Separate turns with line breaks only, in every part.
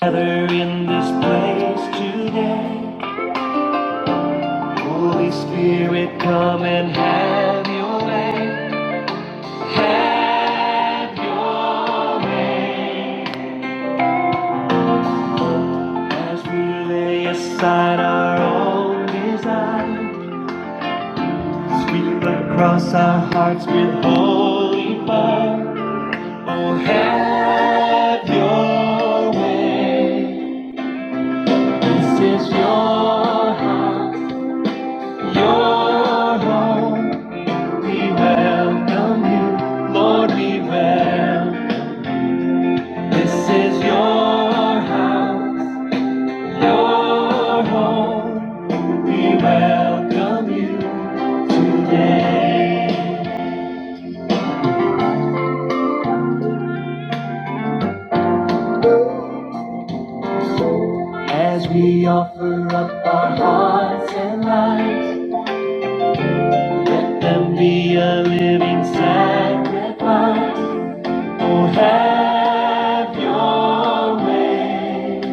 Gather in this place today. Holy Spirit, come and have your way. Have your way. As we lay aside our own desires, sweep across our hearts with holy fire. Oh, have your way. This is your house, your home. We welcome you, Lord, we welcome. This is your house, your home. We welcome you today. As we offer up our hearts and lives, let them be a living sacrifice. Oh, have your way.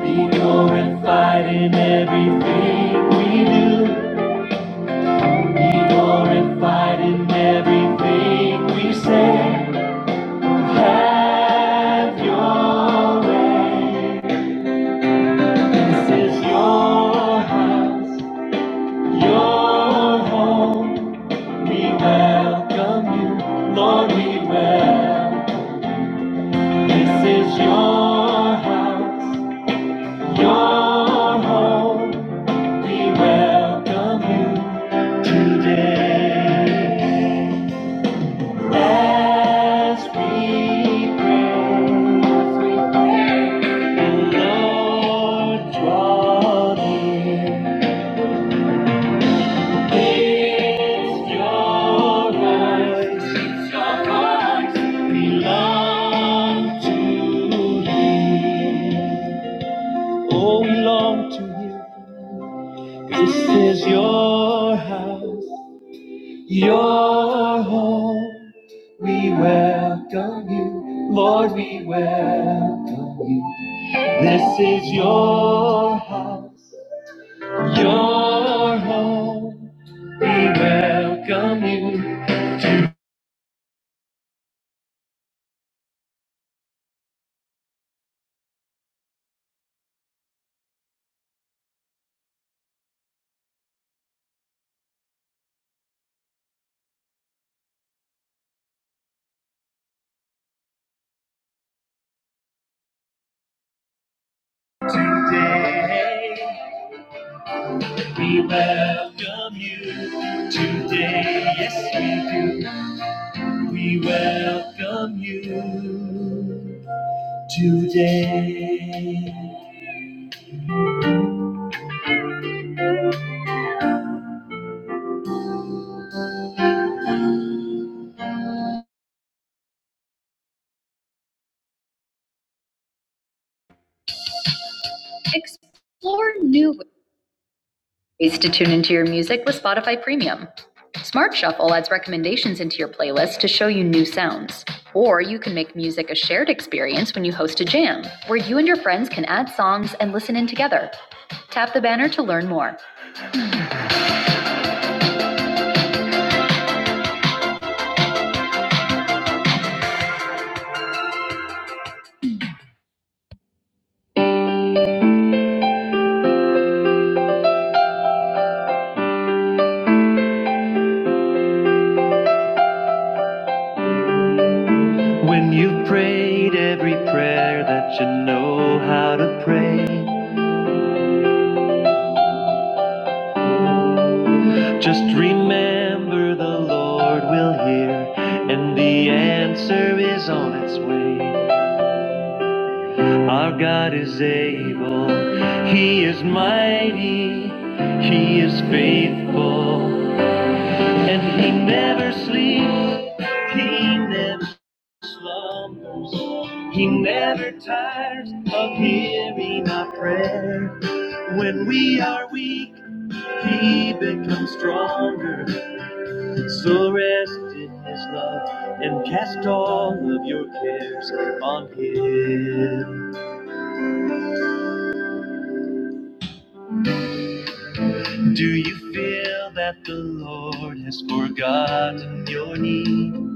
Be glorified in everything we do. Be glorified in everything we say. Have your way. This is your house, your home. We welcome you, Lord. We welcome. This is your house, your home. We welcome you. Today, as we pray, Lord, draw near. It's your voice. We long to hear. Oh, we long to hear. This is your house. Your home, we welcome you. Lord, we welcome you. This is your house, your home. We welcome you today. We welcome you today. Yes, we do. We welcome you today. Explore new. Ways to tune into your music with Spotify Premium. Smart Shuffle adds recommendations into your playlist to show you new sounds. Or you can make music a shared experience when you host a jam, where you and your friends can add songs and listen in together. Tap the banner to learn more. When you've prayed every prayer that you know how to pray, just remember the Lord will hear, and the answer is on its way. Our God is able, He is mighty, He is faithful, and He never sleeps, He never slumbers, He never tires of hearing our prayer. When we are weak, He becomes stronger, so rest in His love and cast all of your cares on Him. Do you feel that the Lord has forgotten your need?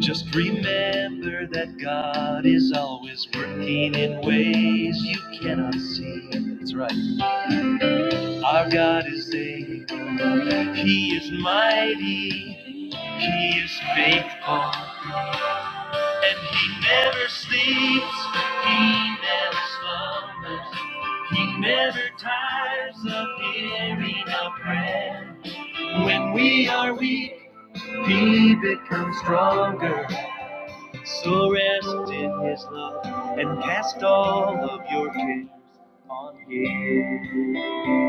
Just remember that God is always working in ways you cannot see. That's right. Our God is able. He is mighty. He is faithful. And he never sleeps, he never slumbers, he never tires of hearing our prayer. When we are weak, he becomes stronger. So rest in his love and cast all of your cares on him.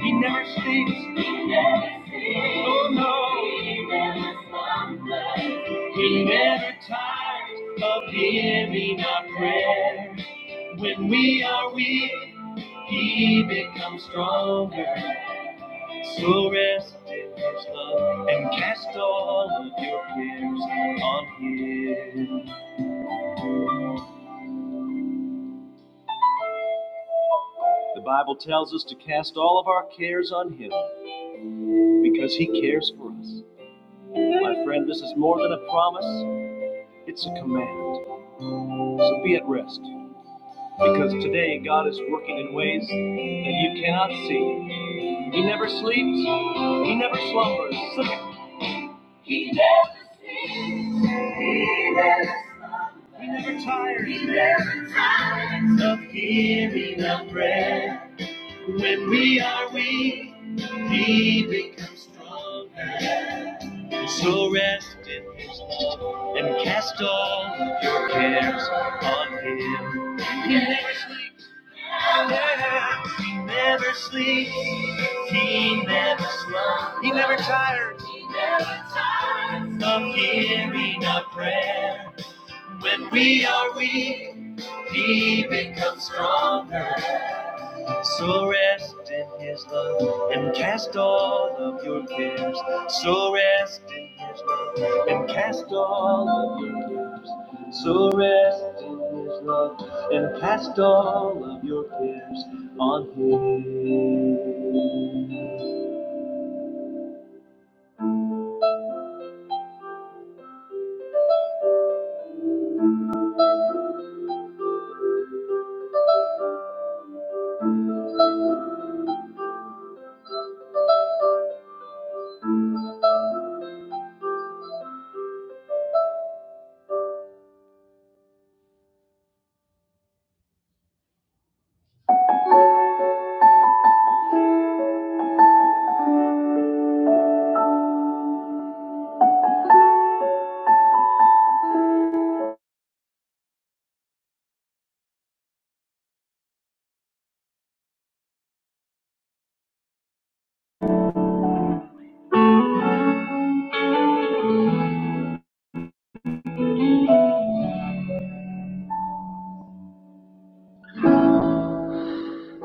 He never sleeps, oh no. He never tired of hearing our prayer. When we are weak, He becomes stronger. So rest in His love and cast all of your cares on Him. The Bible tells us to cast all of our cares on Him because He cares for us. My friend, this is more than a promise, it's a command. So be at rest because today God is working in ways that you cannot see. He never sleeps. He never slumbers. He never sleeps. He never slumbers. He never tires. He never tires of hearing our prayer. When we are weak, He becomes stronger. So rest in His love and cast all your cares on Him. He never sleeps. Yeah, He never sleeps. He never slumbers. He never tires. He never tires of hearing our prayer. When we are weak, he becomes stronger. So rest in his love and cast all of your cares. So rest in his love and cast all of your cares. So rest in his love and cast all of your cares on him.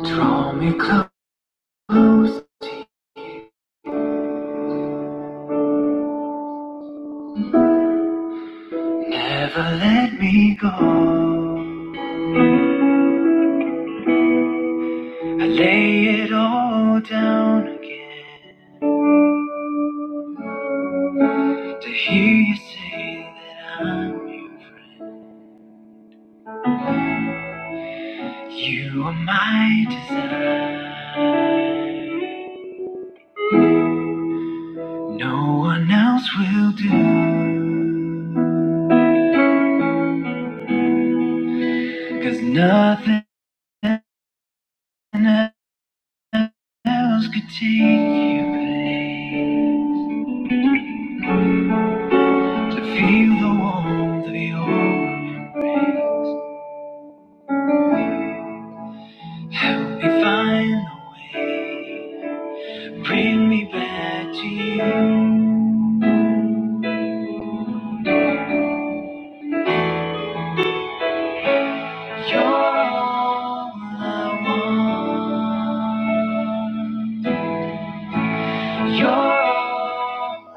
Draw me close, never let me go. I lay it all down again to hear you say that I'm your friend. You are my desire, no one else will do. 'Cause nothing else could take your place. To feel the warmth of your embrace, we find a way to bring me back to you. You're all I want. You're all,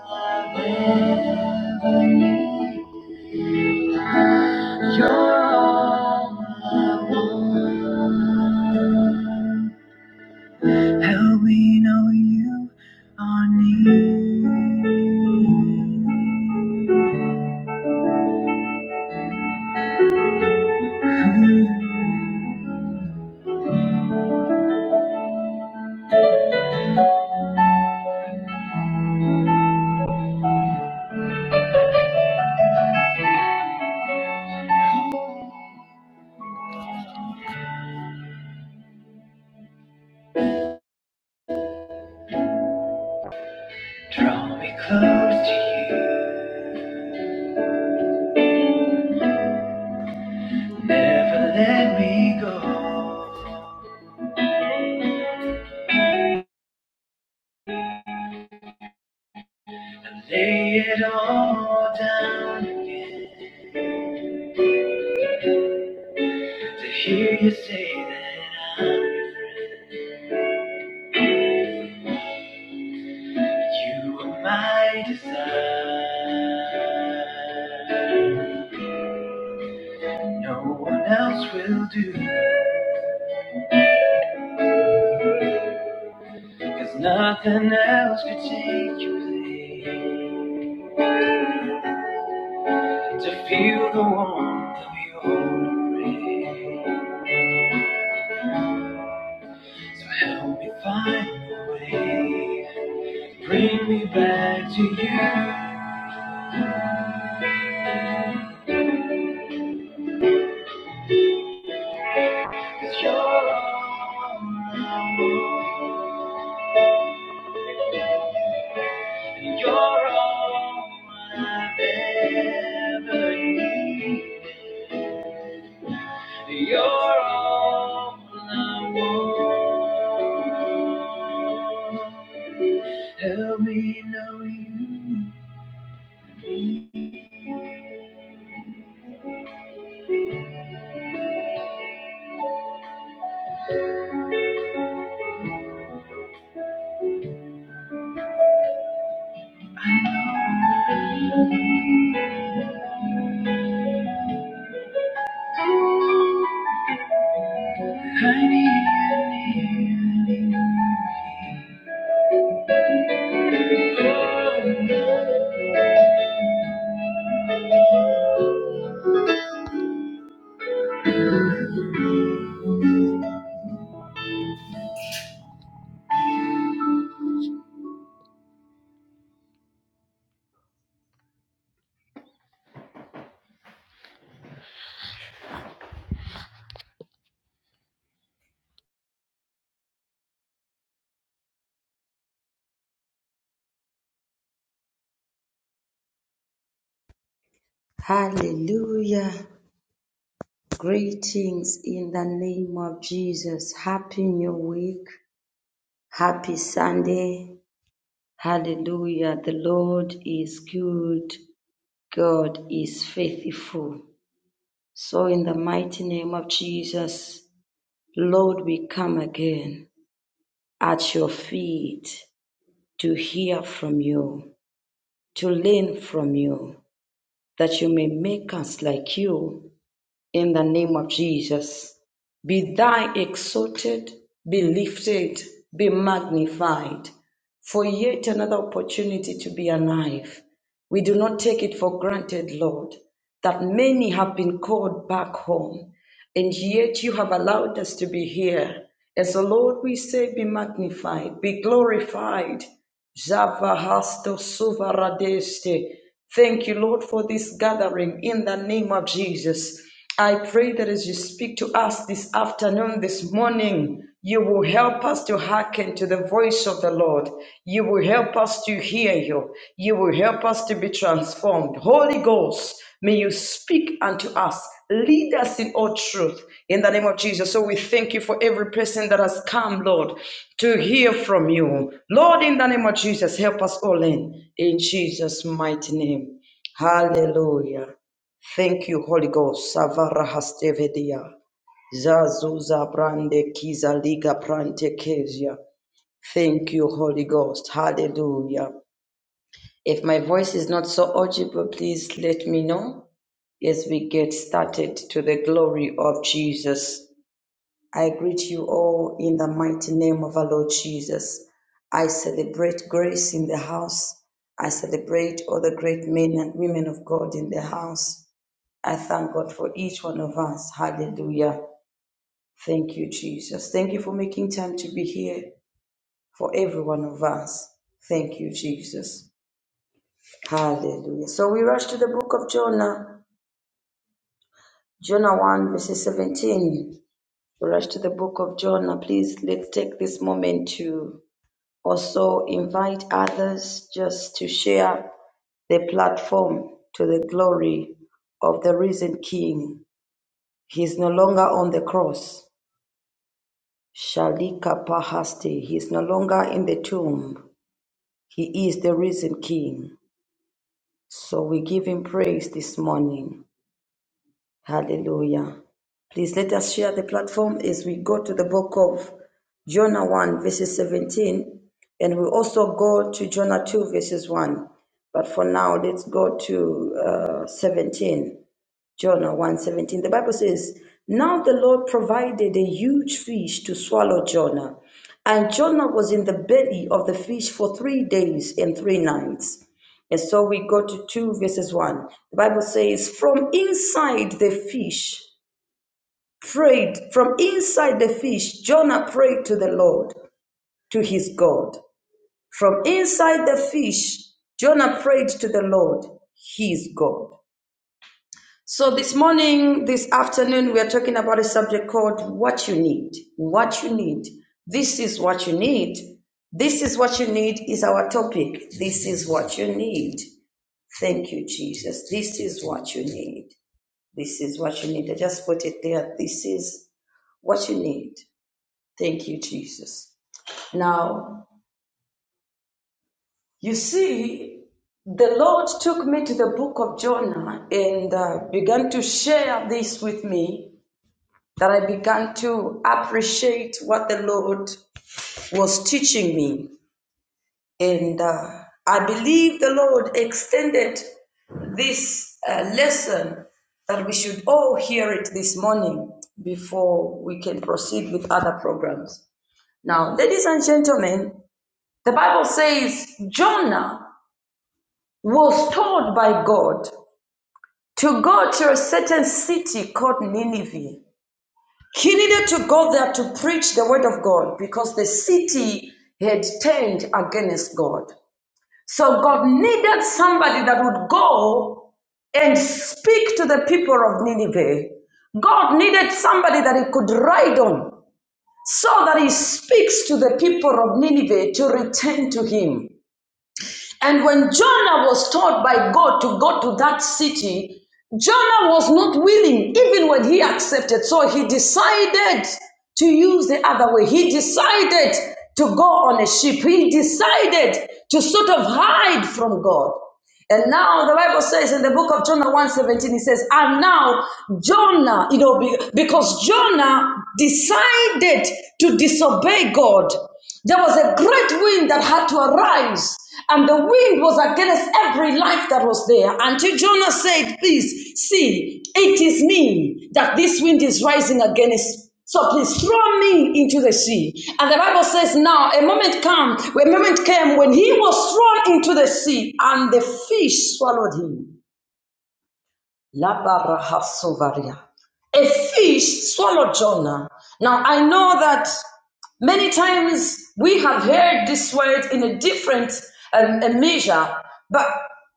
you're all. Draw me close to you. Never let me go. And lay it all down again. To hear you say that I'm your friend, you are my desire. No one else will do, cause nothing else could take your place. To feel the warmth of your embrace. So help me find a way, bring me back to you, cause you're all I want. You're all I've ever needed. You're all I want. Help me know you. I need you, I need you, I need
Hallelujah. Greetings in the name of Jesus. Happy New Week. Happy Sunday. Hallelujah. The Lord is good. God is faithful. So, in the mighty name of Jesus, Lord, we come again at your feet to hear from you, to learn from you, that you may make us like you in the name of Jesus. Be thou exalted, be lifted, be magnified, for yet another opportunity to be alive. We do not take it for granted, Lord, that many have been called back home, and yet you have allowed us to be here. As the Lord, we say, be magnified, be glorified, Javahasto suvaradeste. Thank you, Lord, for this gathering in the name of Jesus. I pray that as you speak to us this afternoon, this morning, you will help us to hearken to the voice of the Lord. You will help us to hear you. You will help us to be transformed. Holy Ghost, may you speak unto us. Lead us in all truth in the name of Jesus. So we thank you for every person that has come, Lord, to hear from you. Lord, in the name of Jesus, help us all in. In Jesus' mighty name. Hallelujah. Thank you, Holy Ghost. Savara hastevedia. Zazuza brande kiza liga prante kezia. Thank you, Holy Ghost. Hallelujah. If my voice is not so audible, please let me know. As we get started to the glory of Jesus, I greet you all in the mighty name of our Lord Jesus. I celebrate grace in the house. I celebrate all the great men and women of God in the house. I thank God for each one of us. Hallelujah. Thank you, Jesus. Thank you for making time to be here for every one of us. Thank you, Jesus. Hallelujah. So we rush to the book of Jonah, Jonah 1, verses 17. rush to the book of John. Now, please let's take this moment to also invite others just to share the platform to the glory of the risen King. He is no longer on the cross. Shalika Pahaste. He is no longer in the tomb. He is the risen King. So we give him praise this morning. Hallelujah. Please let us share the platform as we go to the book of Jonah 1, verses 17, and we also go to Jonah 2, verses 1. But for now, let's go to uh, 17. Jonah one seventeen. The Bible says, "Now the Lord provided a huge fish to swallow Jonah, and Jonah was in the belly of the fish for 3 days and 3 nights." And so we go to 2 verses 1. The Bible says, "From inside the fish prayed, from inside the fish Jonah prayed to the Lord, to his God. From inside the fish Jonah prayed to the Lord, his God." So this morning, this afternoon, we are talking about a subject called what you need. What you need. This is what you need. This is what you need is our topic. This is what you need. Thank you, Jesus. This is what you need. This is what you need. I just put it there. This is what you need. Thank you, Jesus. Now, you see, the Lord took me to the book of Jonah and uh, began to share this with me that I began to appreciate what the Lord was teaching me. And uh, I believe the Lord extended this uh, lesson that we should all hear it this morning before we can proceed with other programs. Now, ladies and gentlemen, the Bible says Jonah was told by God to go to a certain city called Nineveh. He needed to go there to preach the word of God because the city had turned against God. So God needed somebody that would go and speak to the people of Nineveh. God needed somebody that he could ride on so that he speaks to the people of Nineveh to return to him. And when Jonah was told by God to go to that city, Jonah was not willing, even when he accepted. So he decided to use the other way. He decided to go on a ship. He decided to sort of hide from God. And now the Bible says in the book of Jonah one seventeen, it says, and now Jonah, you know, be- because Jonah decided to disobey God, there was a great wind that had to arise. And the wind was against every life that was there. Until Jonah said, Please see, it is me that this wind is rising against please. So please throw me into the sea. And the Bible says, now a moment came, a moment came when he was thrown into the sea, and the fish swallowed him. Labarahasovaria. A fish swallowed Jonah. Now I know that many times we have heard this word in a different um, a measure, but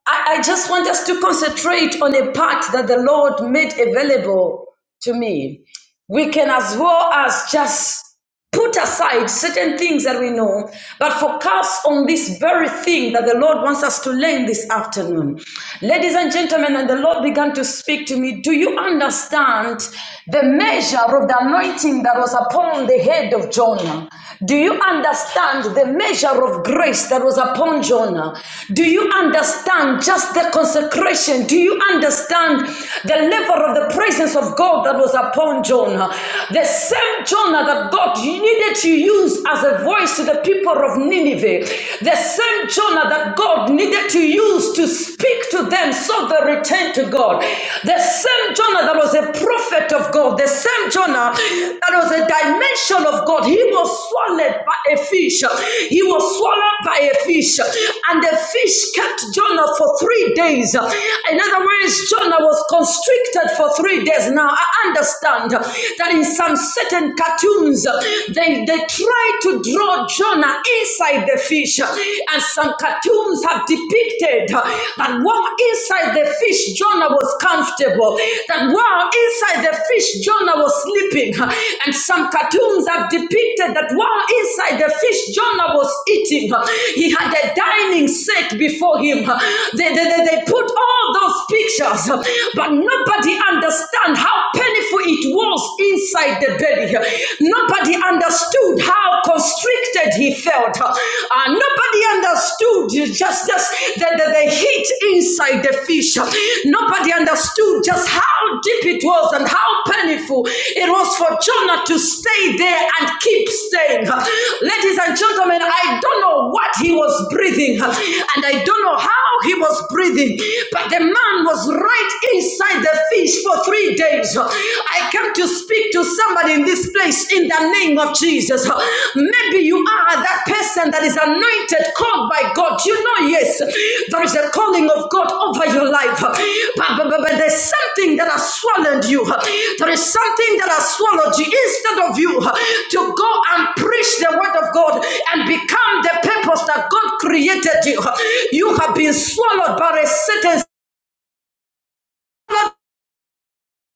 I, I just want us to concentrate on a part that the Lord made available to me. We can as well as just put aside certain things that we know, but focus on this very thing that the Lord wants us to learn this afternoon. Ladies and gentlemen, and the Lord began to speak to me. Do you understand the measure of the anointing that was upon the head of Jonah? Do you understand the measure of grace that was upon Jonah? Do you understand just the consecration? Do you understand the level of the presence of God that was upon Jonah? The same Jonah that God needed to use as a voice to the people of Nineveh, the same Jonah that God needed to use to speak to them so they returned to God, the same Jonah that was a prophet of God, the same Jonah that was a dimension of God, he was swallowed by a fish. He was swallowed by a fish, and the fish kept Jonah for three days. In other words, Jonah was constricted for three days. Now I understand that in some certain cartoons, they, they try to draw Jonah inside the fish, and some cartoons have depicted but while inside the fish, Jonah was comfortable. That while inside the fish, Jonah was sleeping. And some cartoons have depicted that while inside the fish, Jonah was eating. He had a dining set before him. They, they, they they put all those pictures, but nobody understand how painful it was inside the belly. Nobody understood how constricted lifted he felt. Uh, nobody understood just, just the, the, the heat inside the fish. Nobody understood just how deep it was and how painful it was for Jonah to stay there and keep staying. Ladies and gentlemen, I don't know what he was breathing and I don't know how he was breathing, but the man was right inside the fish for three days. I came to speak to somebody in this place in the name of Jesus. Maybe you are that person that is anointed, called by God. You know, yes, there is a calling of God over your life, but, but, but, but there's something that has swallowed you. There is something that has swallowed you instead of you to go and preach the word of God and become the purpose that God created you. You have been swallowed by a certain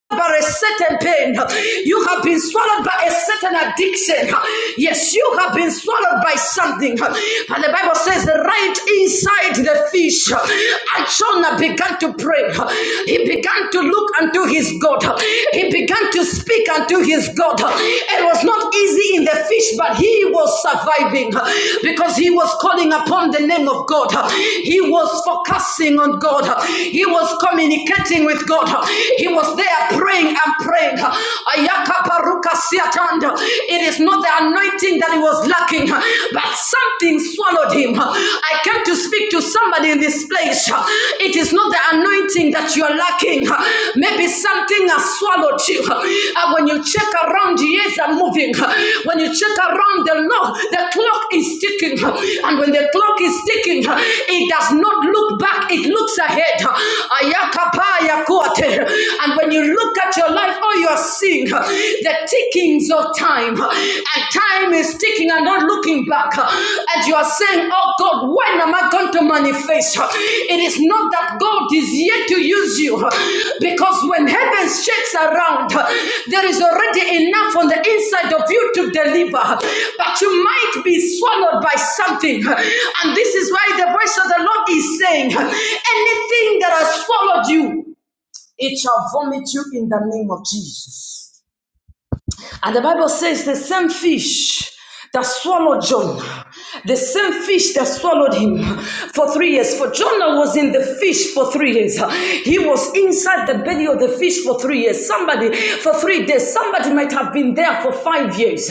by a certain pain. You have been swallowed by a certain addiction. Yes, you have been swallowed by something. But the Bible says, right inside the fish, and Jonah began to pray. He began to look unto his God. He began to speak unto his God. It was not easy in the fish, but he was surviving because he was calling upon the name of God. He was focusing on God. He was communicating with God. He he was there praying and praying. It is not the anointing that he was lacking, but something swallowed him. I came to speak to somebody in this place. It is not the anointing that you are lacking. Maybe something has swallowed you. when you check around, years are moving. When you check around the law, the clock is ticking. And when the clock is ticking, it does not look back, it looks ahead exalted. And when you look at your life, all you are seeing uh, the tickings of time. uh, And time is ticking and not looking back. uh, And you are saying, Oh God, when am I going to manifest? Uh, It is not that God is yet to use you. uh, Because when heaven shakes around, uh, there is already enough on the inside of you to deliver. But you might be swallowed by something. And this is why the voice of the Lord is saying, Anything that has followed you. It shall vomit you in the name of Jesus. And the Bible says the same fish that swallowed Jonah, the same fish that swallowed him for three years. For Jonah was in the fish for three years. He was inside the belly of the fish for three years. Somebody for three days. Somebody might have been there for five years.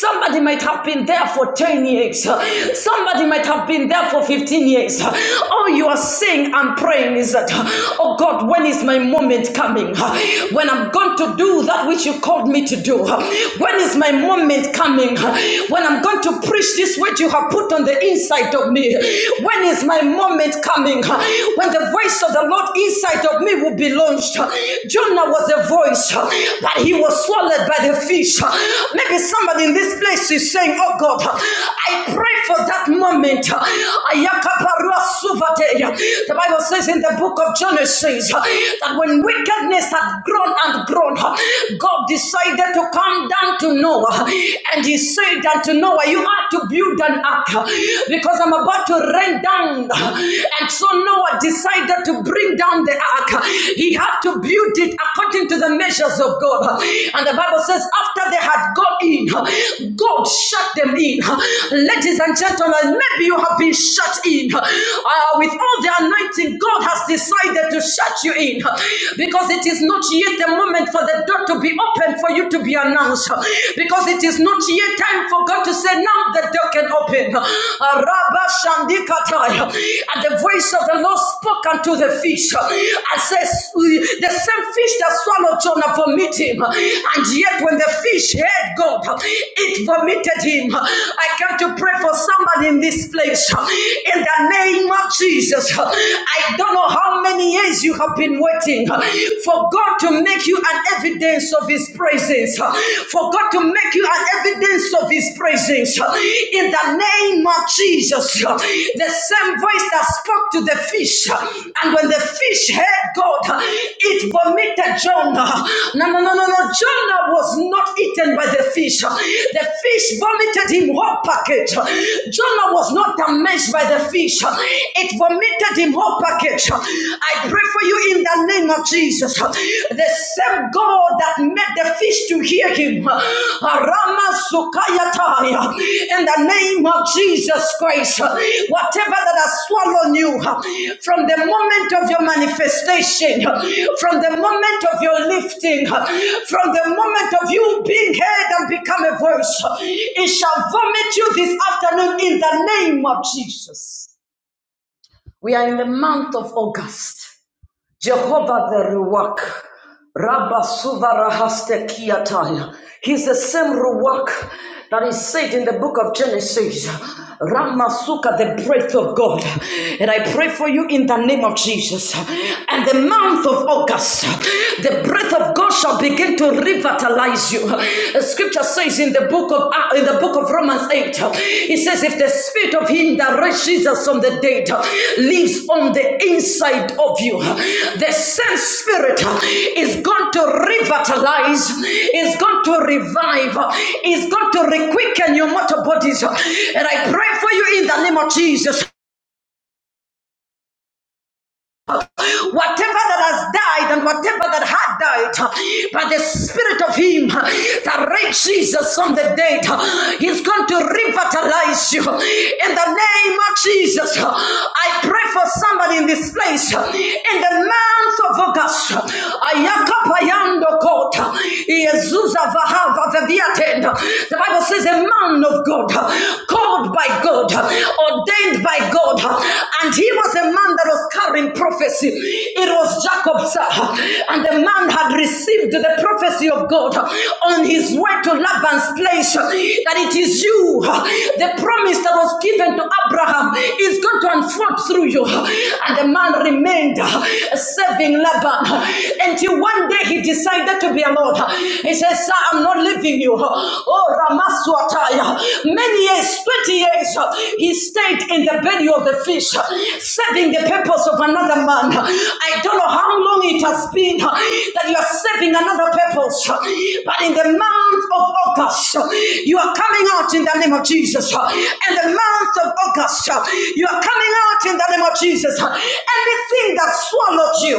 Somebody might have been there for 10 years. Somebody might have been there for 15 years. All you are saying and praying is that, oh God, when is my moment coming? When I'm going to do that that which you called me to do? When is my moment coming? When I'm going to preach this word you have put on the inside of me? When is my moment coming? When the voice of the Lord inside of me will be launched. Jonah was a voice, but he was swallowed by the fish. Maybe somebody in this place is saying, Oh God, I pray for that moment. The Bible says in the book of Genesis that when wickedness had had grown and grown, God decided to come down to Noah and he said unto Noah, You are to build an ark because I'm about to rain down. And so Noah decided to bring down the ark. He had to build it according to the measures of God. And the Bible says, After they had gone in, God shut them in. Ladies and gentlemen, maybe you have been shut in. Uh, with all the anointing, God has decided to shut you in. glory, because it is not yet the moment for the door to be open for you to be announced because it is not yet time for God to say now the door can open Rabba Shandikatai. and the voice of the Lord spoke unto the fish and says the same fish that swallowed Jonah vomited him. And yet, when the fish heard God, it vomited him. I come to pray for somebody in this place. In the name of Jesus, I don't know how many years you have been waiting for God to make you an evidence of his presence, for God to make you an evidence of his presence. In the name name of Jesus, the same voice that spoke to the fish, and when the fish heard God, it vomited Jonah. No, no, no, no, no. Jonah was not eaten by the fish. The fish vomited him whole package. Jonah was not damaged by the fish. It vomited him whole package. I pray for you in the name of Jesus. The same God that made the fish to hear him. Arama sukayataya. In the name of Jesus Christ, whatever that has swallowed you from the moment of your manifestation, from the moment of your lifting, from the moment of you being heard and become a voice, it shall vomit you this afternoon in the name of Jesus. We are in the month of August. Jehovah the Ruach. Rabba Suvarahaste Kiataya. He's the same Ruach that is said in the book of Genesis. Ramasuka, the breath of God. And I pray for you in the name of Jesus. And the month of August, the breath of God shall begin to revitalize you scripture says in the book of uh, in the book of Romans 8, uh, it says, if the spirit of him that raised Jesus from the dead uh, lives on the inside of you, uh, the same spirit uh, is going to revitalize, is going to revive, uh, is going to requicken your mortal bodies. Uh, And I pray for you in the name of Jesus. Whatever that has died and whatever that had died, by the spirit of him that raised Jesus from the dead, he's going to revitalize you. In the name of Jesus, I pray for somebody in this place. In the month of August, Ayakapayando Kota, Yezuza Vahava Vaviatenda. The Bible says a month man of God, called by God, ordained by God, and he was a man that was carrying prophecy. It was Jacob's, and the man had received the prophecy of God on his way to Laban's place that it is you, the promise that was given to Abraham is going to unfold through you. And the man remained seven serving Laban until one day he decided to be alone. He says, Sir, I'm not leaving you. Oh, Ramaswataya. Many years, 20 years, he stayed in the belly of the fish, serving the purpose of another man. I don't know how long it has been that you are serving another purpose, but in the month of August, you are coming out in the name of Jesus. and the month of August, you are coming out in the name of Jesus. Anything that swallowed you,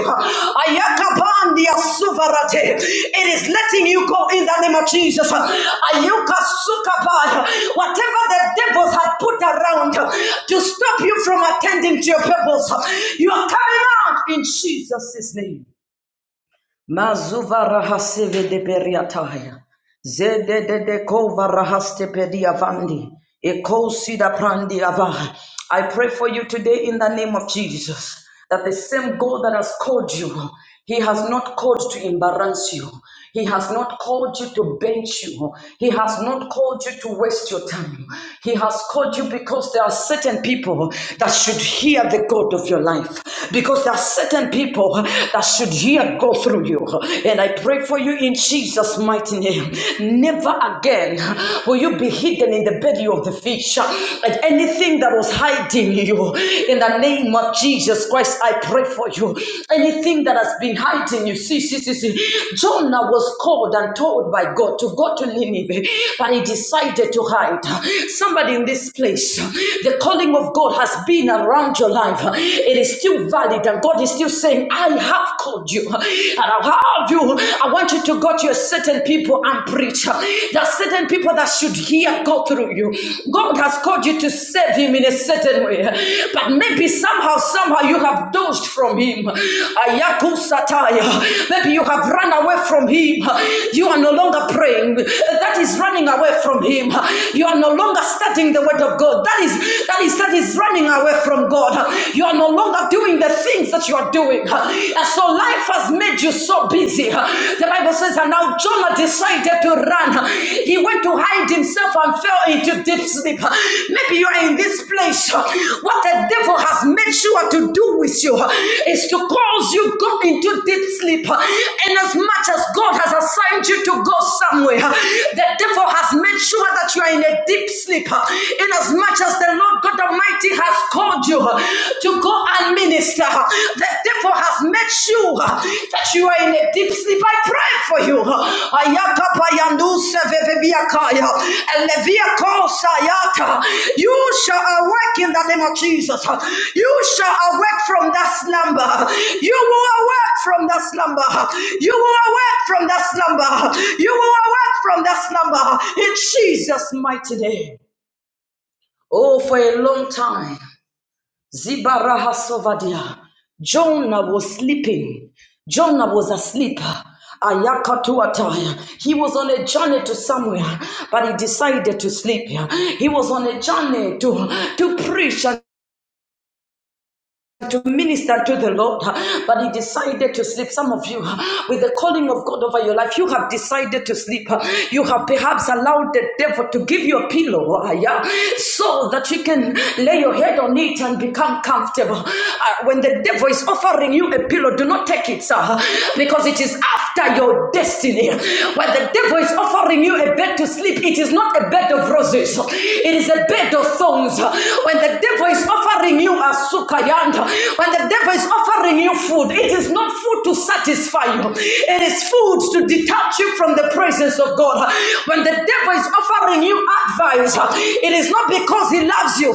Ayakapandia suvarate, it is letting you go in the name of Jesus. Ayuka sukapai, Whatever the devils had put around to stop you from attending to your purpose, you are coming out in Jesus' name. Mazuvara hasive de beriataya. Zede de de kova rahaste pedi avandi. Eko sida prandi ava. I pray for you today in the name of Jesus that the same God that has called you, He has not called to embarrass you. He has not called you to bench you. He has not called you to waste your time. He has called you because there are certain people that should hear the God of your life. Because there are certain people that should hear God through you. and I. I pray for you in Jesus' mighty name. Never again will you be hidden in the belly of the fish. And anything that was hiding you, in the name of Jesus Christ, I pray for you. Anything that has been hiding you, see, see, see, see. Jonah was called and told by God to go to Nineveh, but he decided to hide. Somebody in this place, the calling of God has been around your life. It is still valid, and God is still saying, I have called you and I've called you. I want you to go to your certain people and preach. There are certain people that should hear go through you. God has called you to serve Him in a certain way, but maybe somehow, somehow you have dozed from Him. Ayaku sataya. Maybe you have run away from Him. You are no longer praying. That is running away from Him. You are no longer studying the Word of God. That is that is that is running away from God. You are no longer longer doing the things that you are doing. And so life has made you so busy. The Bible says, and now Jonah decided to run. He went to hide himself and fell into deep sleep. Maybe you are in this place. What the devil has made sure to do with you is to cause you go into deep sleep. And as much as God has assigned you to go somewhere, the devil has made sure that you are in a deep sleep. In as much as the Lord God Almighty Almighty has called you uh, to go and minister. uh, The devil has made sure that you are in a deep sleep. I pray for you. Ayakapayandu sevevebiakaya, eleviakosayata. You shall awake in the name of Jesus. uh, You shall awake from that slumber. uh, You will awake from that slumber. uh, You will awake from that slumber. uh, You will awake from that slumber uh, in Jesus' mighty name. Oh, for a long time. Zibarahasovadia. Jonah was sleeping. Jonah was asleep. Ayakatuataya. He was on a journey to somewhere, but he decided to sleep. He was on a journey to, to preach. and to minister to the Lord, but he decided to sleep. Some of you, with the calling of God over your life, you have decided to sleep. You have perhaps allowed the devil to give you a pillow yeah, so that you can lay your head on it and become comfortable. Uh, When the devil is offering you a pillow, do not take it, sir, because it is after your destiny. When the devil is offering you a bed to sleep, it is not a bed of roses, it is a bed of thorns. When the devil is is offering you a sukayanda, when the devil is offering you food, it is not food to satisfy you. It is food to detach you from the presence of God. When the devil is offering you advice, it is not because he loves you,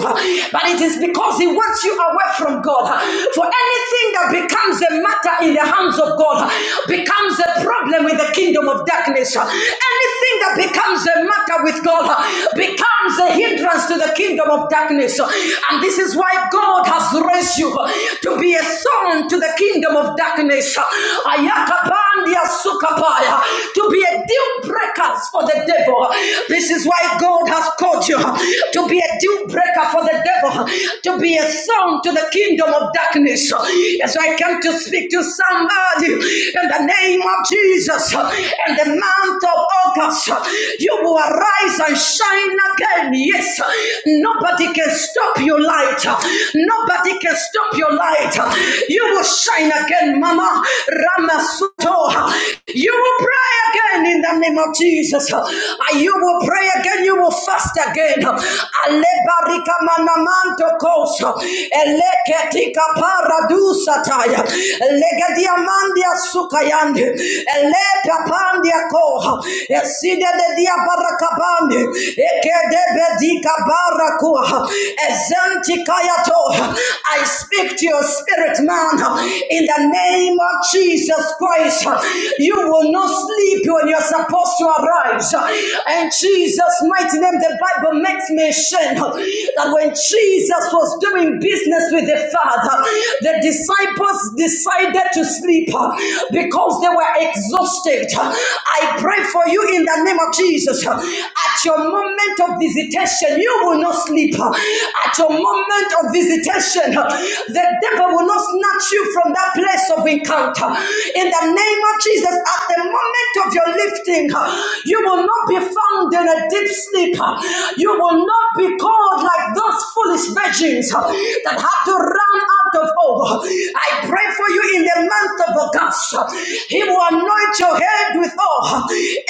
but it is because he wants you away from God. For anything that becomes a matter in the hands of God becomes a problem with the kingdom of darkness. Anything that becomes a matter with God becomes a hindrance to the kingdom kingdom of darkness. And this is why God has raised you to be a son to the kingdom of darkness. Ayakapandia sukapaya, To be a deal breaker for the devil. This is why God has called you to be a deal breaker for the devil, to be a son to the kingdom of darkness. As I come to speak to somebody in the name of Jesus, in the month of August, you will arise and shine shine again. Yes, nobody can stop your light. Nobody can stop your light. You will shine again, Mama Ramasuto. You will pray again in the name of Jesus. And You will pray again. You will fast again. Alebarika manamanto kosa, Eleketika paradusataya. Legadiamandia sukayande. Eleka pandia koha. Eside de dia barakabande ekede bedika barakua ezanti I speak to your spirit man in the name of Jesus Christ you will not sleep when you're supposed to arise in Jesus mighty name the Bible makes mention that when Jesus was doing business with the Father the disciples decided to sleep because they were exhausted I pray for you in the name of Jesus. At your moment of visitation, you will not sleep. At your moment of visitation, the devil will not snatch you from that place of encounter. In the name of Jesus, at the moment of your lifting, you will not be found in a deep sleep. You will not be called like those foolish virgins that have to run out of oil. I pray for you in the month of August. He will anoint your head with oil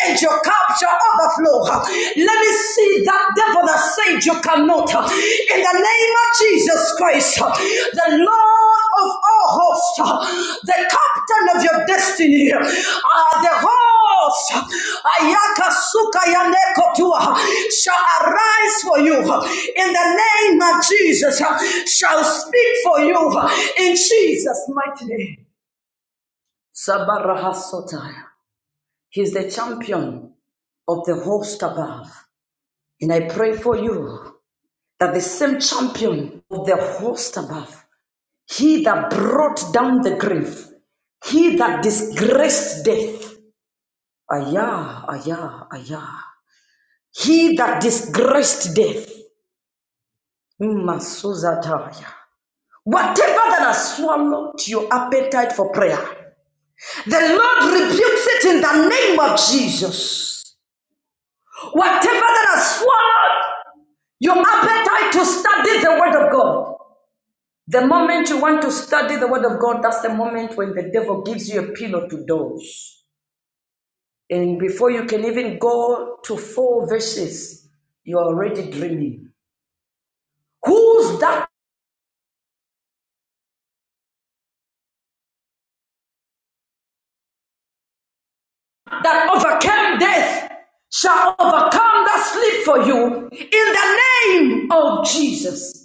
and your cup shall overflow. Let me see that devil that said you cannot. In the name of Jesus Christ, the Lord of all hosts, the captain of your destiny, uh, the host, Ayaka Suka Yanekotua, shall arise for you in the name of Jesus, shall speak for you in Jesus' mighty name. Sabarahasotaya. He's the champion of the host above. And I pray for you that the same champion of the host above, he that brought down the grave, he that disgraced death, ayah, ayah, ayah, he that disgraced death, Masuzataya. Whatever that has swallowed your appetite for prayer, the Lord rebukes it in the name of Jesus. Whatever that has swallowed your appetite to study the Word of God, the moment you want to study the Word of God, that's the moment when the devil gives you a pillow to doze. And before you can even go to four verses, you are already dreaming. Who's that that overcame death shall overcome that sleep for you in the name of Jesus?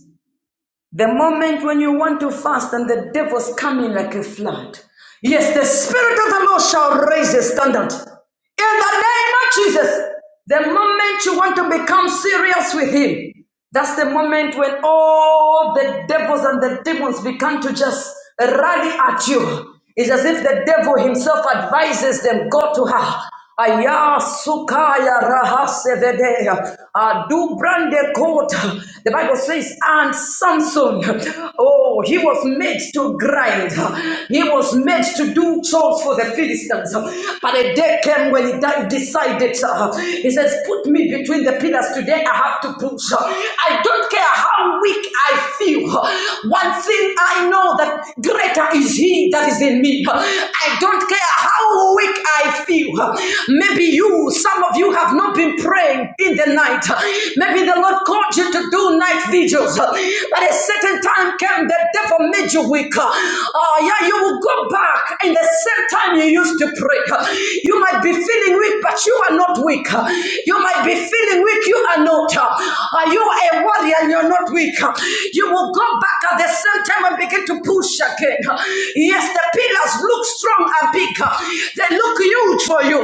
The moment when you want to fast and the devil's coming like a flood. Yes, the Spirit of the Lord shall raise a standard. In the name of Jesus, the moment you want to become serious with Him, that's the moment when all the devils and the demons begin to just rally at you. It's as if the devil himself advises them, go to her. Aya sukaya rahasevedea. Uh, do brande kota. The Bible says, and Samson, oh, he was made to grind. He was made to do chores for the Philistines. But a day came when he died, decided, uh, he says, put me between the pillars today. I have to push. I don't care how weak I feel. One thing I know that grace Greater is He that is in me. I don't care how weak I feel. Maybe you, some of you have not been praying in the night. Maybe the Lord called you to do night vigils. But a certain time came, the devil made you weak. Oh, yeah, you will go back in the same time you used to pray. You might be feeling weak, but you are not weak. You might be feeling weak, you are not. Are you are a warrior and you're not weak? You will go back at the same time Someone begin to push again. Yes, the pillars look strong and big. They look huge for you.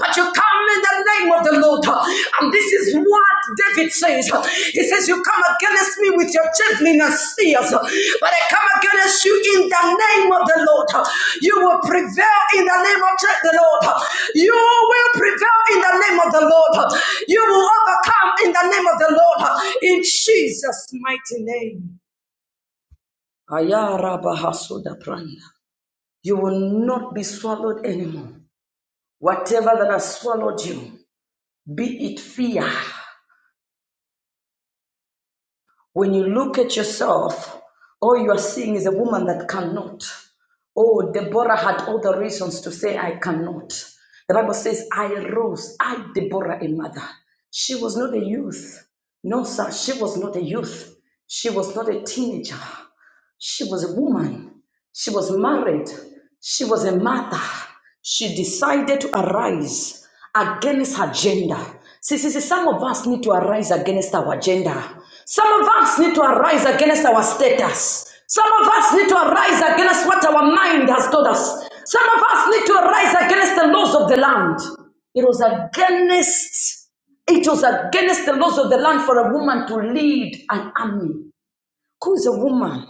But you come in the name of the Lord. And this is what David says. He says, You come against me with your javelin and spears. But I come against you in the name of the Lord. You will prevail in the name of the Lord. You will prevail in the name of the Lord. You will overcome in the name of the Lord. In Jesus' mighty name. Ayarabahasodapranda. You will not be swallowed anymore. Whatever that has swallowed you, be it fear. When you look at yourself, all you are seeing is a woman that cannot. Oh, Deborah had all the reasons to say, I cannot. The Bible says, I rose, I, Deborah, a mother. She was not a youth. No, sir, she was not a youth. She was not a teenager. She was a woman. She was married. She was a mother. She decided to arise against her gender. See, see, see, some of us need to arise against our gender. Some of us need to arise against our status. Some of us need to arise against what our mind has told us. Some of us need to arise against the laws of the land. It was against it was against the laws of the land for a woman to lead an army. Who is a woman?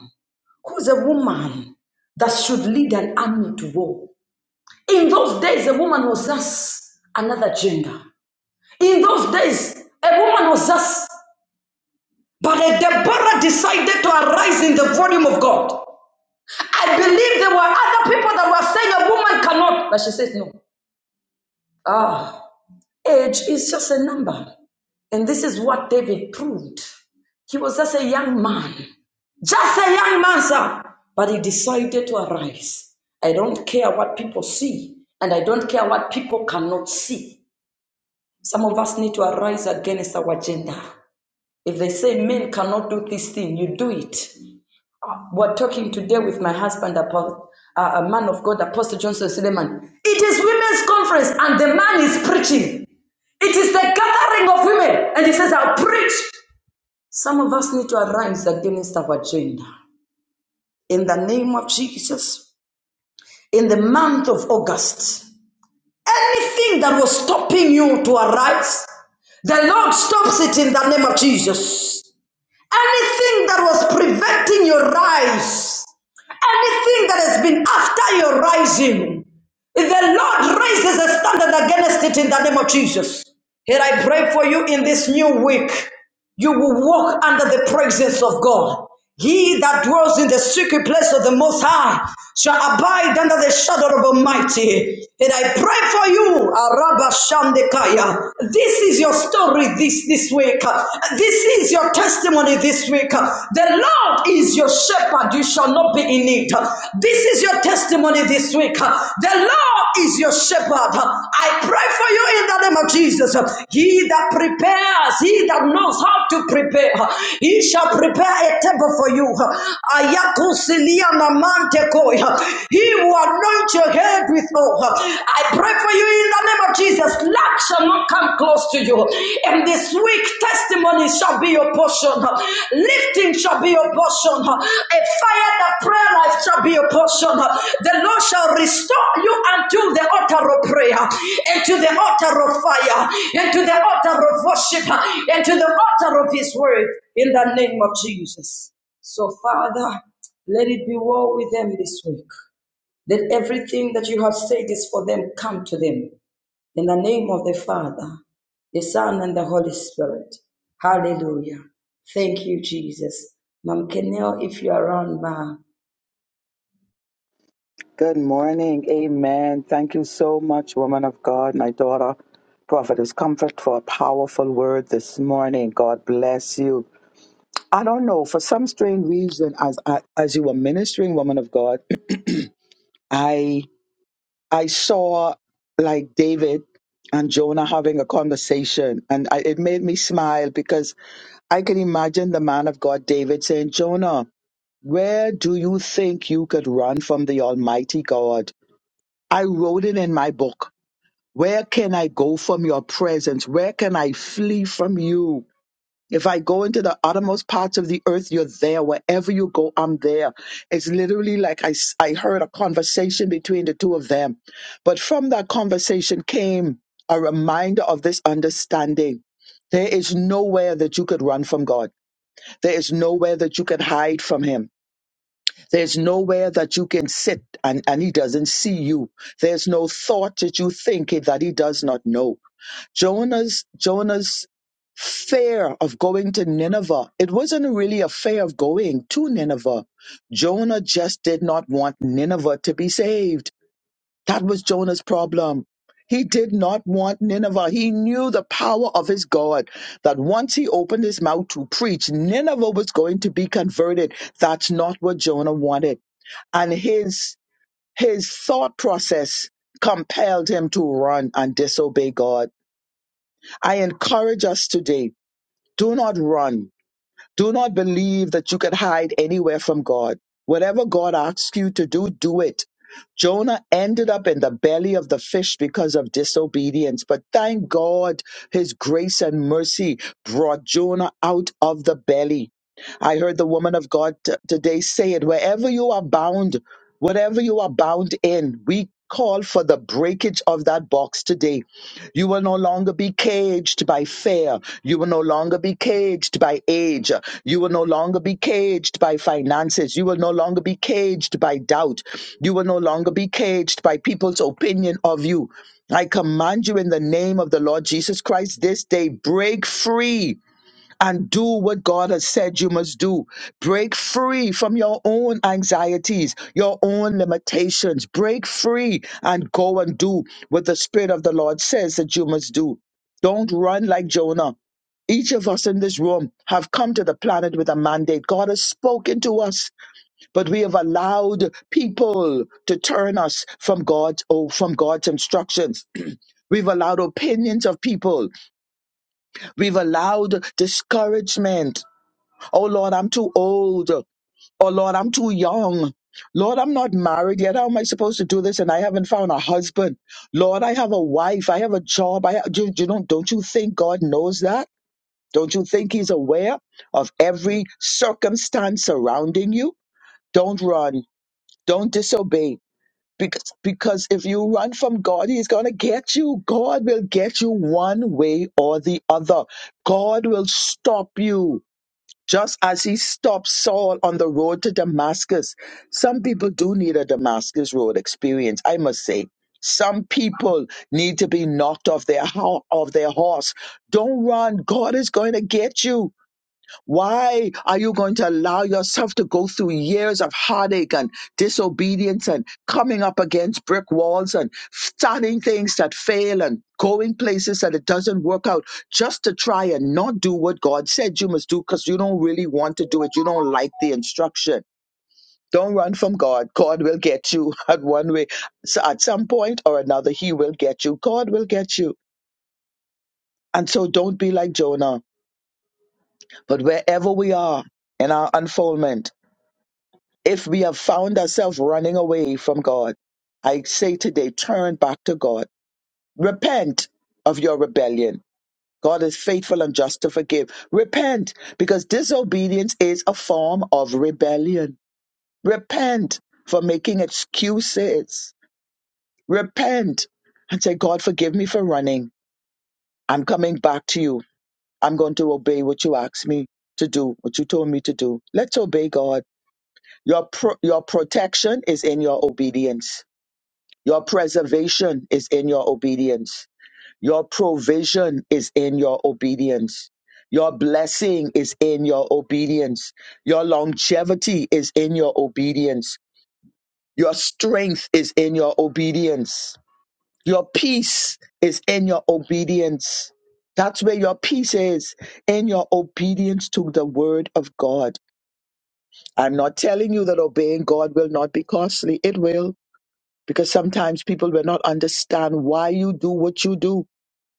who's a woman that should lead an army to war. In those days, a woman was just another gender. In those days, a woman was just. But a Deborah decided to arise in the volume of God. I believe there were other people that were saying a woman cannot, but she says no. Ah, age is just a number. And this is what David proved. He was just a young man, just a young man, sir. But he decided to arise. I don't care what people see, and I don't care what people cannot see. Some of us need to arise against our agenda. If they say men cannot do this thing, you do it. Uh, We're talking today with my husband, about uh, a man of God, Apostle Johnson Suleiman. It is women's conference, and the man is preaching. It is the gathering of women, and he says, I'll preach some of us need to arise against our agenda. In the name of Jesus, in the month of August, anything that was stopping you to arise, the Lord stops it in the name of Jesus. Anything that was preventing your rise, anything that has been after your rising, the Lord raises a standard against it in the name of Jesus. Here I pray for you in this new week you will walk under the presence of God. He that dwells in the secret place of the Most High shall abide under the shadow of Almighty. And I pray for you, Araba Shandekaya. This is your story this, this week. This is your testimony this week. The Lord is your shepherd. You shall not be in need. This this is your testimony this week. The Lord is your shepherd. I pray for you in the name of Jesus. He that prepares, he that knows how to prepare, he shall prepare a table for you. He will anoint your head with oil. I pray for you in the name of Jesus. Lack shall not come close to you. And this week, testimony shall be your portion. Lifting shall be your portion. A fire that prayer life shall be your portion. The Lord shall restore you unto the altar of prayer, and to the altar of fire, and to the altar of worship, and to the altar of His word. In the name of Jesus. So, Father, let it be war with them this week. Let everything that you have said is for them come to them. In the name of the Father, the Son, and the Holy Spirit. Hallelujah. Thank you, Jesus. Mom Kenel, if you're around, ma,
Good morning. Amen. Thank you so much, woman of God, my daughter, Prophetess Comfort, for a powerful word this morning. God bless you. I don't know, for some strange reason, as I, as you were ministering, woman of God, I I saw like David and Jonah having a conversation, and I, it made me smile because I can imagine the man of God, David, saying, Jonah, where do you think you could run from the Almighty God? I wrote it in my book. Where can I go from your presence? Where can I flee from you? If I go into the uttermost parts of the earth, you're there. Wherever you go, I'm there. It's literally like I, s- I heard a conversation between the two of them. But from that conversation came a reminder of this understanding. There is nowhere that you could run from God. There is nowhere that you can hide from Him. There's nowhere that you can sit and, and He doesn't see you. There's no thought that you think that He does not know. Jonah's Jonah's fear of going to Nineveh. It wasn't really a fear of going to Nineveh. Jonah just did not want Nineveh to be saved. That was Jonah's problem. He did not want Nineveh. He knew the power of his God that once he opened his mouth to preach, Nineveh was going to be converted. That's not what Jonah wanted. And his his thought process compelled him to run and disobey God. I encourage us today do not run. Do not believe that you can hide anywhere from God. Whatever God asks you to do, do it. Jonah ended up in the belly of the fish because of disobedience, but thank God his grace and mercy brought Jonah out of the belly. I heard the woman of God t- today say it wherever you are bound, whatever you are bound in, we call for the breakage of that box today you will no longer be caged by fear. You will no longer be caged by age. You will no longer be caged by finances. You will no longer be caged by doubt. You will no longer be caged by people's opinion of you. I command you in the name of the Lord Jesus Christ this day, break free and do what God has said you must do. Break free from your own anxieties, your own limitations. Break free and go and do what the Spirit of the Lord says that you must do. Don't run like Jonah. Each of us in this room have come to the planet with a mandate. God has spoken to us, but we have allowed people to turn us from God's oh, from God's instructions. We've allowed opinions of people. We've allowed discouragement Oh Lord, I'm too old. Oh Lord, I'm too young. Lord, I'm not married yet. How am I supposed to do this? And I haven't found a husband. Lord, I have a wife. I have a job. I have, you, you don't, don't you think God knows that? Don't you think He's aware of every circumstance surrounding you? Don't run. Don't disobey. Because, because if you run from God, He's going to get you. God will get you one way or the other. God will stop you just as he stopped Saul on the road to Damascus. Some people do need a Damascus road experience, I must say. Some people need to be knocked off their ho- off their horse. Don't run. God is going to get you. Why are you going to allow yourself to go through years of heartache and disobedience and coming up against brick walls and starting things that fail and going places that it doesn't work out just to try and not do what God said you must do because you don't really want to do it? You don't like the instruction. Don't run from God. God will get you at one way. So at some point or another, He will get you. God will get you. And so don't be like Jonah. But wherever we are in our unfoldment, If we have found ourselves running away from God, I say today, turn back to God. Repent of your rebellion. God is faithful and just to forgive. Repent because disobedience is a form of rebellion. Repent for making excuses. Repent and say, God, forgive me for running. I'm coming back to you. I'm going to obey what you asked me to do, what you told me to do. Let's obey God. Your, pro- your protection is in your obedience Your preservation is in your obedience. Your provision is in your obedience. Your blessing is in your obedience. Your longevity is in your obedience. Your strength is in your obedience. Your peace is in your obedience. That's where your peace is in your obedience to the word of God. I'm not telling you that obeying God will not be costly. It will because sometimes people will not understand why you do what you do.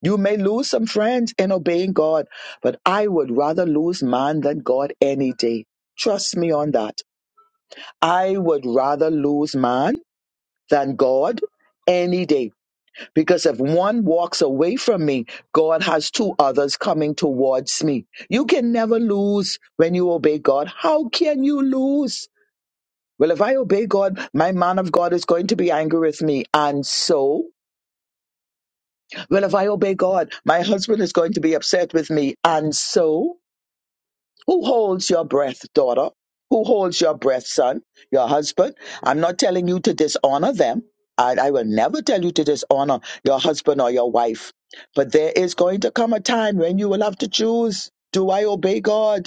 You may lose some friends in obeying God, but I would rather lose man than God any day. Trust me on that. I would rather lose man than God any day because if one walks away from me, God has two others coming towards me. You can never lose when you obey God. How can you lose? Well, if I obey God, my man of God is going to be angry with me. And so Well, if I obey God, my husband is going to be upset with me. And so, who holds your breath, daughter? Who holds your breath, son? Your husband? I'm not telling you to dishonor them. I, I will never tell you to dishonor your husband or your wife. But there is going to come a time when you will have to choose do I obey God?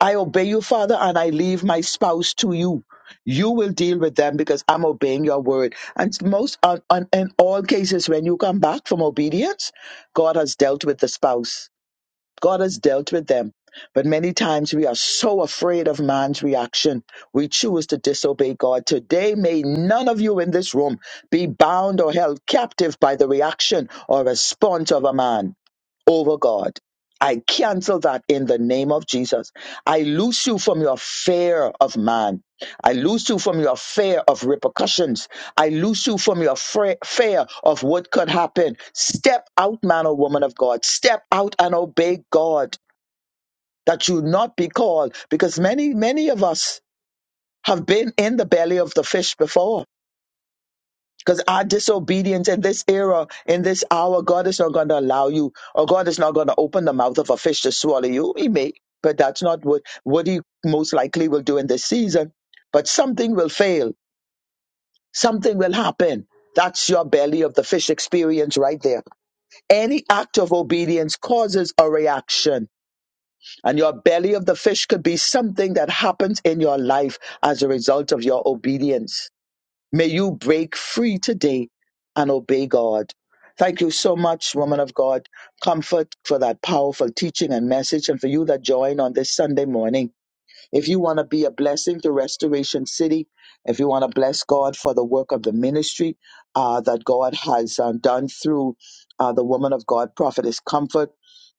I obey you, Father, and I leave my spouse to you. You will deal with them because I'm obeying your word. And most, on, on, in all cases, when you come back from obedience, God has dealt with the spouse. God has dealt with them. But many times we are so afraid of man's reaction, we choose to disobey God. Today, may none of you in this room be bound or held captive by the reaction or response of a man over God. I cancel that in the name of Jesus. I loose you from your fear of man. I loose you from your fear of repercussions. I loose you from your fra- fear of what could happen. Step out, man or woman of God. Step out and obey God that you not be called because many, many of us have been in the belly of the fish before because our disobedience in this era, in this hour, God is not going to allow you, or God is not going to open the mouth of a fish to swallow you. He may, but that's not what, what He most likely will do in this season. But something will fail, something will happen. That's your belly of the fish experience right there. Any act of obedience causes a reaction, and your belly of the fish could be something that happens in your life as a result of your obedience. May you break free today and obey God. Thank you so much, woman of God. Comfort for that powerful teaching and message, and for you that join on this Sunday morning. If you want to be a blessing to Restoration City, if you want to bless God for the work of the ministry uh, that God has um, done through uh, the woman of God, Prophetess Comfort,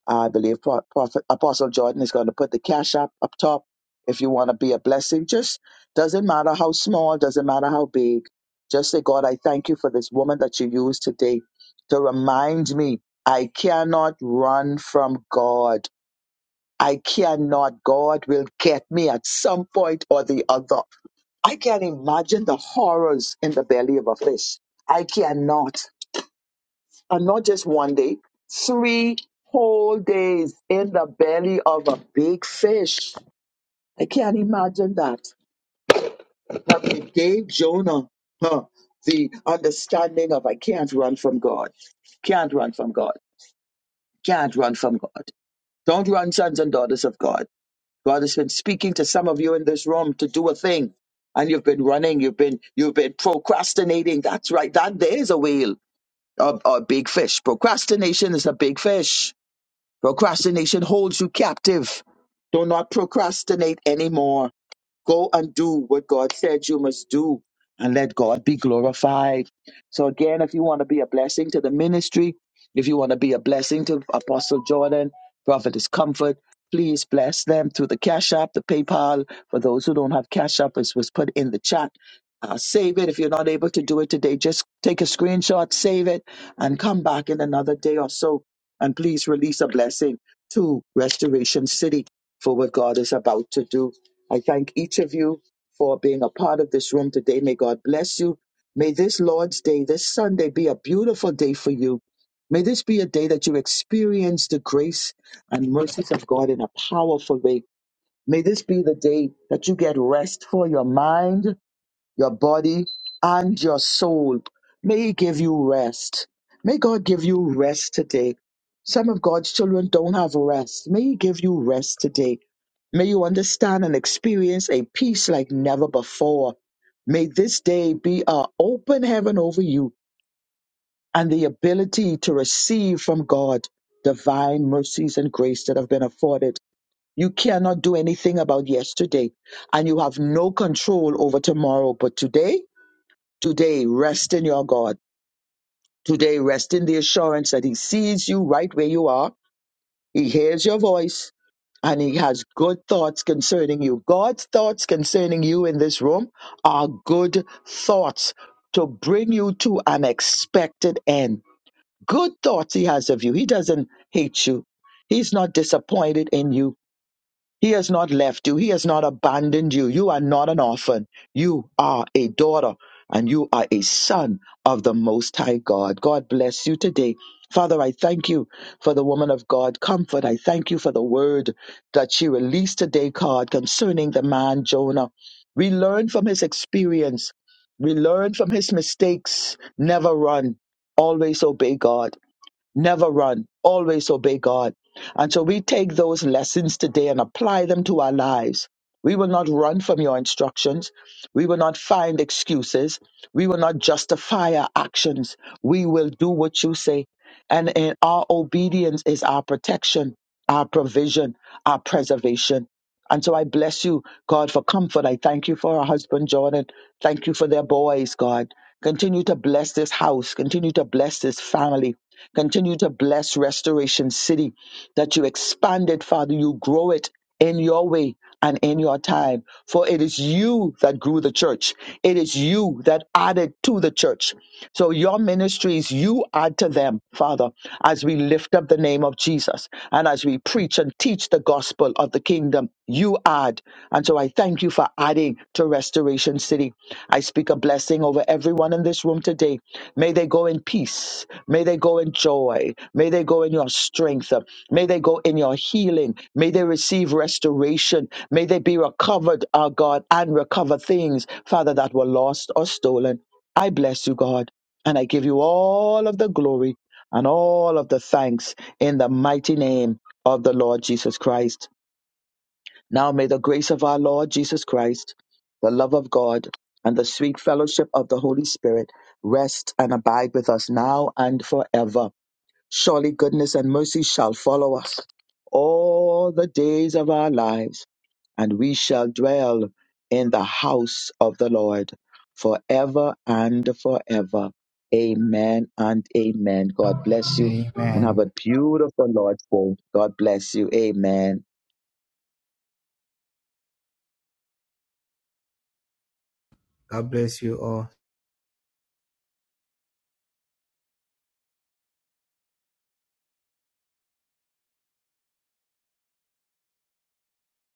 I believe Pro- Prophet Apostle Jordan is going to put the cash app up top. If you want to be a blessing, just doesn't matter how small, doesn't matter how big. Just say, God, I thank you for this woman that you used today to remind me I cannot run from God. I cannot. God will get me at some point or the other. I can imagine the horrors in the belly of a fish. I cannot and not just one day, three whole days in the belly of a big fish. I can't imagine that. But they gave Jonah huh, the understanding of I can't run from God. Can't run from God. Can't run from God. Don't run, sons and daughters of God. God has been speaking to some of you in this room to do a thing. And you've been running, you've been you've been procrastinating. That's right. That there is a whale, a, a big fish. Procrastination is a big fish Procrastination holds you captive. Do not procrastinate anymore. Go and do what God said you must do and let God be glorified. So, again, if you want to be a blessing to the ministry, if you want to be a blessing to Apostle Jordan, Prophetess Comfort, please bless them through the Cash App, the PayPal. For those who don't have Cash App, it was put in the chat. Uh, save it. If you're not able to do it today, just take a screenshot, save it, and come back in another day or so. And please release a blessing to Restoration City for what God is about to do. I thank each of you for being a part of this room today. May God bless you. May this Lord's Day, this Sunday, be a beautiful day for you. May this be a day that you experience the grace and mercies of God in a powerful way. May this be the day that you get rest for your mind your body and your soul. May He give you rest. May God give you rest today. Some of God's children don't have rest. May He give you rest today. May you understand and experience a peace like never before. May this day be an open heaven over you and the ability to receive from God divine mercies and grace that have been afforded. You cannot do anything about yesterday, and you have no control over tomorrow. But today, Today, rest in your God. Today, rest in the assurance that He sees you right where you are. He hears your voice and He has good thoughts concerning you. God's thoughts concerning you in this room are good thoughts to bring you to an expected end. Good thoughts He has of you. He doesn't hate you, He's not disappointed in you. He has not left you. He has not abandoned you. You are not an orphan. You are a daughter and you are a son of the Most High God. God bless you today. Father, I thank you for the woman of God comfort. I thank you for the word that she released today, God, concerning the man Jonah. We learn from his experience. We learn from his mistakes. Never run. Always obey God. Never run, always obey God. And so we take those lessons today and apply them to our lives. We will not run from your instructions. We will not find excuses. We will not justify our actions. We will do what you say. And in our obedience is our protection, our provision, our preservation. And so I bless you, God, for comfort. I thank you for our husband, Jordan. Thank you for their boys, God. Continue to bless this house. Continue to bless this family. Continue to bless Restoration City that you expand it, Father. You grow it in your way and in your time. For it is you that grew the church. It is you that added to the church. So your ministries, you add to them, Father, as we lift up the name of Jesus and as we preach and teach the gospel of the kingdom, you add. And so I thank you for adding to restoration. Garden City. I speak a blessing over everyone in this room today. May they go in peace. May they go in joy. May they go in your strength. May they go in your healing. May they receive restoration. May they be recovered, our God, and recover things, Father, that were lost or stolen. I bless you, God, and I give you all of the glory and all of the thanks in the mighty name of the Lord Jesus Christ. Now may the grace of our Lord Jesus Christ, the love of God, and the sweet fellowship of the Holy Spirit rest and abide with us now and forever. Surely goodness and mercy shall follow us all the days of our lives, and we shall dwell in the house of the Lord forever and forever. Amen and amen. God bless you and have
Amen.
a beautiful Lord's Day. God bless you. Amen.
God bless you all.